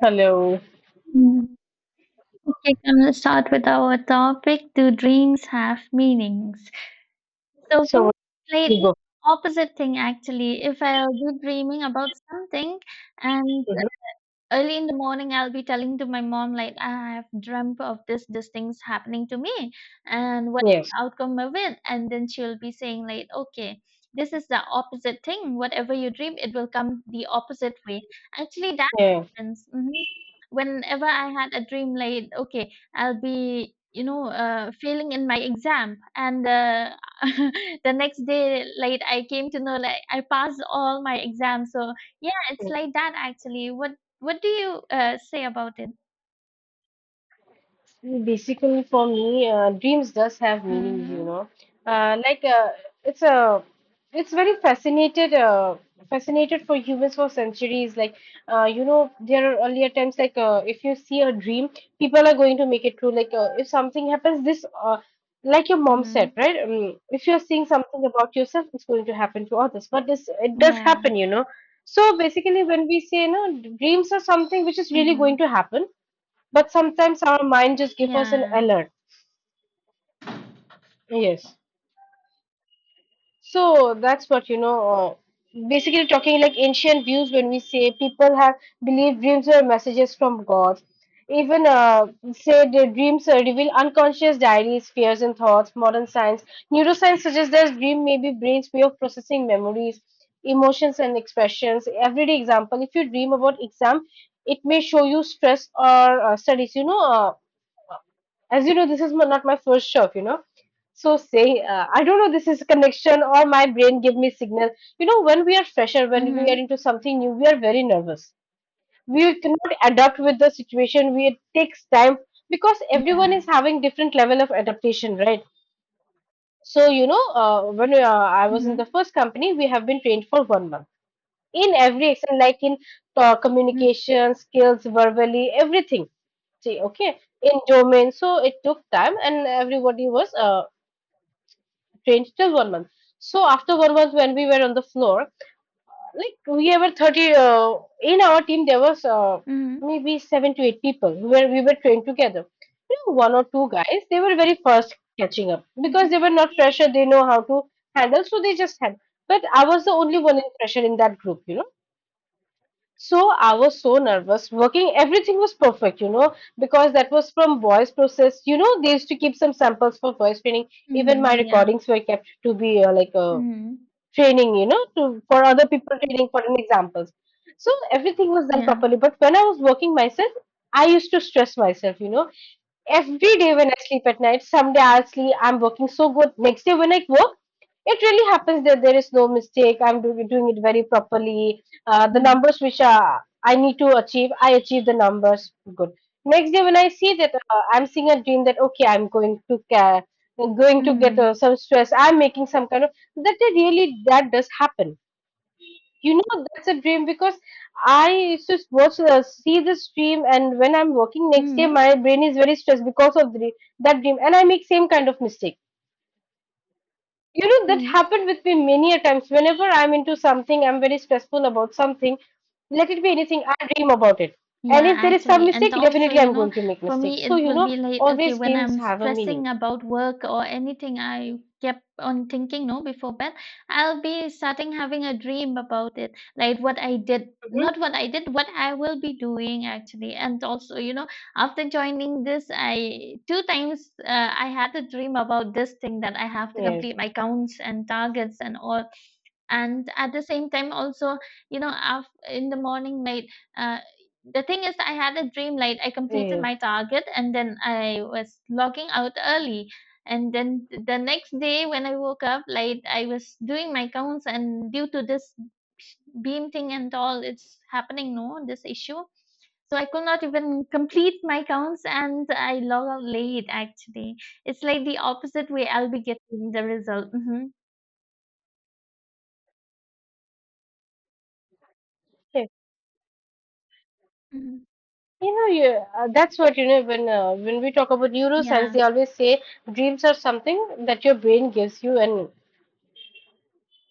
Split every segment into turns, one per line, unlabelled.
Hello.
Mm. Okay, I'm gonna start with our topic. Do dreams have meanings? So for
So
me,
what
like
you go
opposite thing actually. If I'll be dreaming about something and
to do?
early in the morning, I'll be telling to my mom like I've dreamt of this things happening to me and what
Yes.
the outcome of it, and then she'll be saying like, okay, this is the opposite thing, whatever you dream it will come the opposite way. Actually, that
Yeah.
happens. Whenever I had a dream like, okay, I'll be failing in my exam, and the next day, like I came to know like I passed all my exams. So yeah, it's like that actually. What do you say about it?
Basically, for me, dreams does have meaning, you
Mhm,
know. Like, it's a, it's very fascinated, fascinated for humans for centuries. Like, you know, there are earlier times like if you see a dream, people are going to make it true. Like if something happens, like your mom said,
mhm,
right? If you're seeing something about yourself, it's going to happen to others. But this, it does
yeah,
happen, you know. So basically, when we say, no, dreams are something which is really going
mhm,
to happen, but sometimes our mind just give us an
yeah,
alert. Yes, so that's what, you know, basically talking like ancient views, when we say people have believed dreams were messages from God. Even say the dreams reveal unconscious diaries, fears and thoughts. Modern science, neuroscience suggests that dream may be brain's way of processing memories, emotions and expressions. Everyday example, if you dream about exam, it may show you stress or studies, you know. As you know, this is my, not my first shop, you know. So saying, I don't know, this is connection or my brain give me signal. You know, when we are fresher, when we are
mhm,
into something new, we are very nervous. We cannot adapt with the situation. We it takes time, because everyone is
yeah,
having different level of adaptation, right? So you know, when I was in the
mhm,
first company, we have been trained for 1 month in every action, like in talk,
mm,
communication skills, verbally, everything. See, okay, in domain. So it took time, and everybody was trained till 1 month. So after 1 month, when we were on the floor, like we were 30 in our team, there was
mhm,
maybe seven to eight people where we were trained together. You know, one or two guys, they were very fast catching up because
mhm,
they were not fresher. They know how to handle, so they just had. But I was the only one in fresher in that group, you know, so I was so nervous. Working, everything was perfect, you know, because that was from voice process. You know, they used to keep some samples for voice training. Even my
mhm, yeah,
recordings were kept to be like a
mhm,
training, you know, to for other people training for an examples. So everything was done
yeah,
properly. But when I was working myself, I used to stress myself, you know, every day when I sleep at night, someday I'll sleep, I'm working so good. Next day when I work, it really happens that there is no mistake. I'm doing it very properly. The
mhm,
numbers which are, I need to achieve, I achieve the numbers good. Next day when I see that I'm seeing a dream that okay, I'm going to care, going to get
mhm,
some stress, I'm making some kind of that. It Really, that does happen, you know, that's a dream because I used to watch, see this dream, and when I'm working next day,
mhm,
my brain is very stressed because of the, that dream, and I make same kind of mistake. You know, that
mhm.
happened with me many a times. Whenever I'm into something, I'm very stressful about something. Let it be anything. I dream about it, and
Yeah,
if there is some
actually. And
mistake,
also,
definitely I'm going to make
for me,
mistakes. So
it
you
will
know,
be like, okay,
always
when
dreams
I'm
have a
stressing
meaning.
about work or anything, I kept on thinking, no, before bed, I'll be starting having a dream about it, like what I did.
Hmm.
Not what I did, what I will be doing actually. And also, after joining this, I two times, I had a dream about this thing that I have to
Yes,
complete my counts and targets and all. And at the same time also, af in the morning, like uh, the thing is, I had a dream like I completed
yes.
my target and then I was logging out early. And then the next day when I woke up, like I was doing my counts, and due to this beam thing and all, it's happening, no, this issue. So I could not even complete my counts and I log out late actually. It's like the opposite way I'll be getting the result. Hmm. Hmm.
You know, yeah, that's what you know. When we talk about neuroscience, they
Yeah.
always say dreams are something that your brain gives you and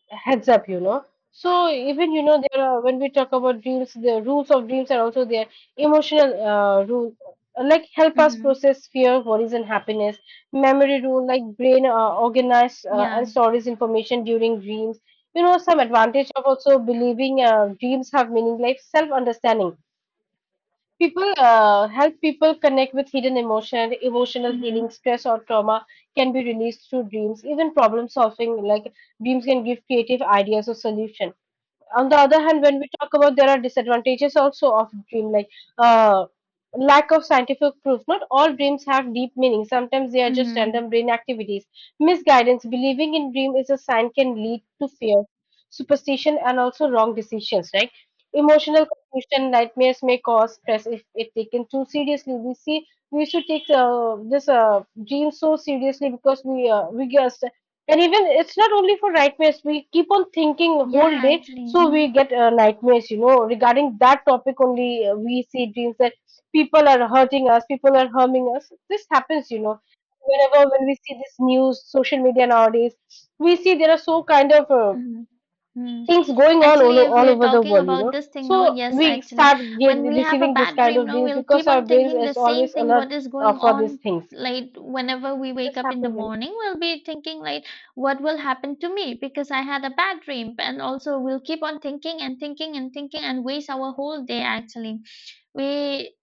heads up. You know, so even you know there are when we talk about dreams, the rules of dreams are also there. Emotional rule, like help us
Hmm.
process fear, worries, and happiness. Memory rule, like brain organize and
Yeah.
stores information during dreams. You know, some advantage of also believing dreams have meaning, like self understanding. People help people connect with hidden emotion, emotional healing,
Hmm.
stress or trauma can be released through dreams. Even problem solving, like dreams, can give creative ideas or solution. On the other hand, when we talk about there are disadvantages also of dream, like uh, lack of scientific proof. Not all dreams have deep meaning. Sometimes they are just
Hmm.
random brain activities. Misguidance, believing in dream is a sign can lead to fear, superstition, and also wrong decisions. Right? Emotional confusion, nightmares may cause stress if taken too seriously. We see we should take this dream so seriously because we guess, and even it's not only for nightmares. We keep on thinking
Yeah,
whole day,
actually.
so
Hmm.
we get nightmares. You know, regarding that topic only, we see dreams that people are hurting us, people are harming us. This happens, you know, whenever when we see this news, social media nowadays, we see there are so kind of
Mhm. Mm.
things going on all,
Actually, if we
all
are
over the
talking
world. You
about
know,
this thing, no,
so
yes,
we
actually,
start
when we have a
receiving this
bad
kind
dream,
of
no,
dreams
we'll
because
keep
our
on
brains
thinking the
is
same
always
thing,
alert
what is going
for these
on.
things.
Like whenever we wake
This
up in the
happens. You know?
morning, we'll be thinking like, what will happen to me because I had a bad dream. And also, we'll keep on thinking and thinking and thinking and waste our whole day. Actually, we,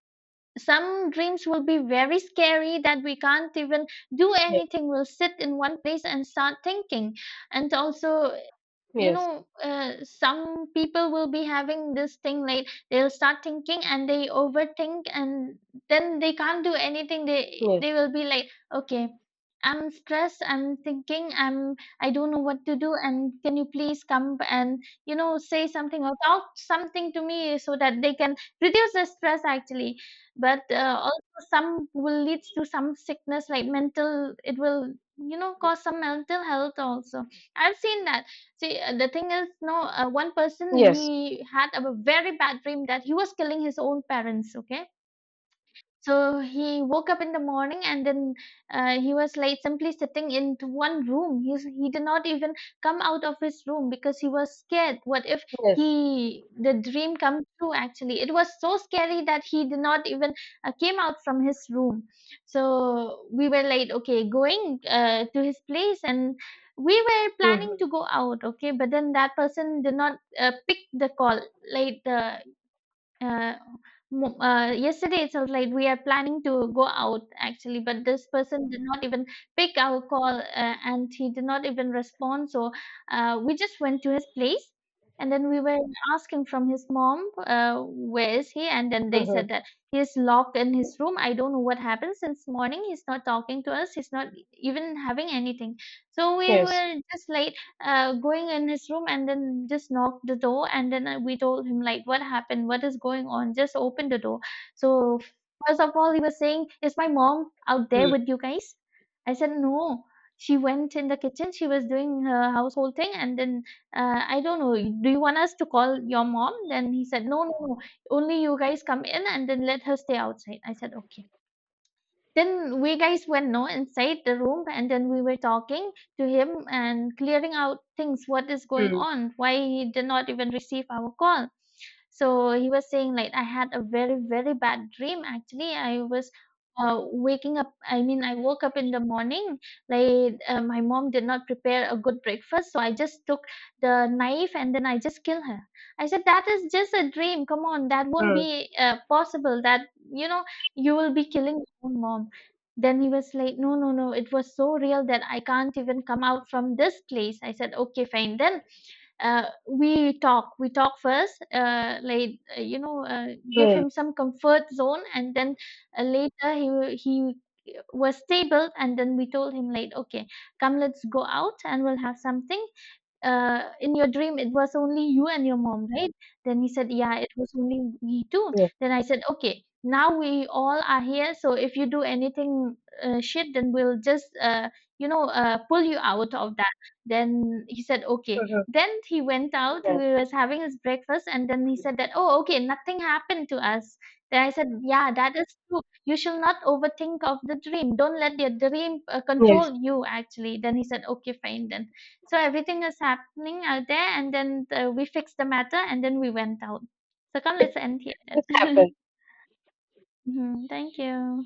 some dreams will be very scary that we can't even do anything. We'll sit in one place and start thinking. And also,
Yes.
some people will be having this thing like they'll start thinking and they overthink, and then they can't do anything. they
Yes.
they will be like, okay, I'm stressed, I'm thinking, I don't know what to do. And can you please come and say something or talk something to me so that they can reduce the stress actually. But also some will leads to some sickness, like mental, it will cause some mental health also. I've seen that. See, the thing is, no, one person,
Yes.
he had a very bad dream that he was killing his own parents. Okay, so he woke up in the morning, and then he was like simply sitting in one room. He did not even come out of his room because he was scared. What if
Yes.
he, the dream come true actually? It was so scary that he did not even came out from his room. So we were like, okay, going to his place, and we were planning
Mhm.
to go out, okay, but then that person did not pick the call. Like uh, yesterday itself, like we are planning to go out actually, but this person did not even pick our call, and he did not even respond. So we just went to his place, and then we were asking from his mom, where is he? And then they
Mhm.
said that he is locked in his room. I don't know what happened since morning. He's not talking to us. He's not even having anything. So we
Yes.
were just like, going in his room and then just knocked the door. And then we told him, like, what happened? What is going on? Just open the door. So, first of all, he was saying, is my mom out there
Mm.
with you guys? I said, no. She went in the kitchen. She was doing her household thing, and then I don't know. Do you want us to call your mom? Then he said, no, no, no. Only you guys come in, and then let her stay outside. I said, okay. Then we guys went, no, inside the room, and then we were talking to him and clearing out things, what is going on, why he did not even receive our call. So he was saying like, I had a very very bad dream actually. I was waking up. I mean, I woke up in the morning. Like my mom did not prepare a good breakfast, so I just took the knife and then I just kill her. I said that is just a dream. Come on, that won't be possible. That, you know you will be killing your own mom. Then he was like, no, no, no. It was so real that I can't even come out from this place. I said, okay, fine. Then we talk. We talk first. Like, give
Hmm.
him some comfort zone. And then later, he was stable. And then we told him, like, okay, come, let's go out, and we'll have something. In your dream, it was only you and your mom, right? Then he said, yeah, it was only we two.
Yes.
Then I said, okay, now we all are here, so if you do anything shit, then we'll just pull you out of that. Then he said, okay.
Mhm.
Then he went out, he
Yeah.
was having his breakfast, and then he said that, oh, okay, nothing happened to us. Then I said, yeah, that is true. You shall not overthink of the dream. Don't let your dream
Yes.
control you actually. Then he said, okay, fine, then. So everything is happening out there, and then the, we fixed the matter, and then we went out. So come, let's end here.
This happened.
Then. Mhm. Thank you.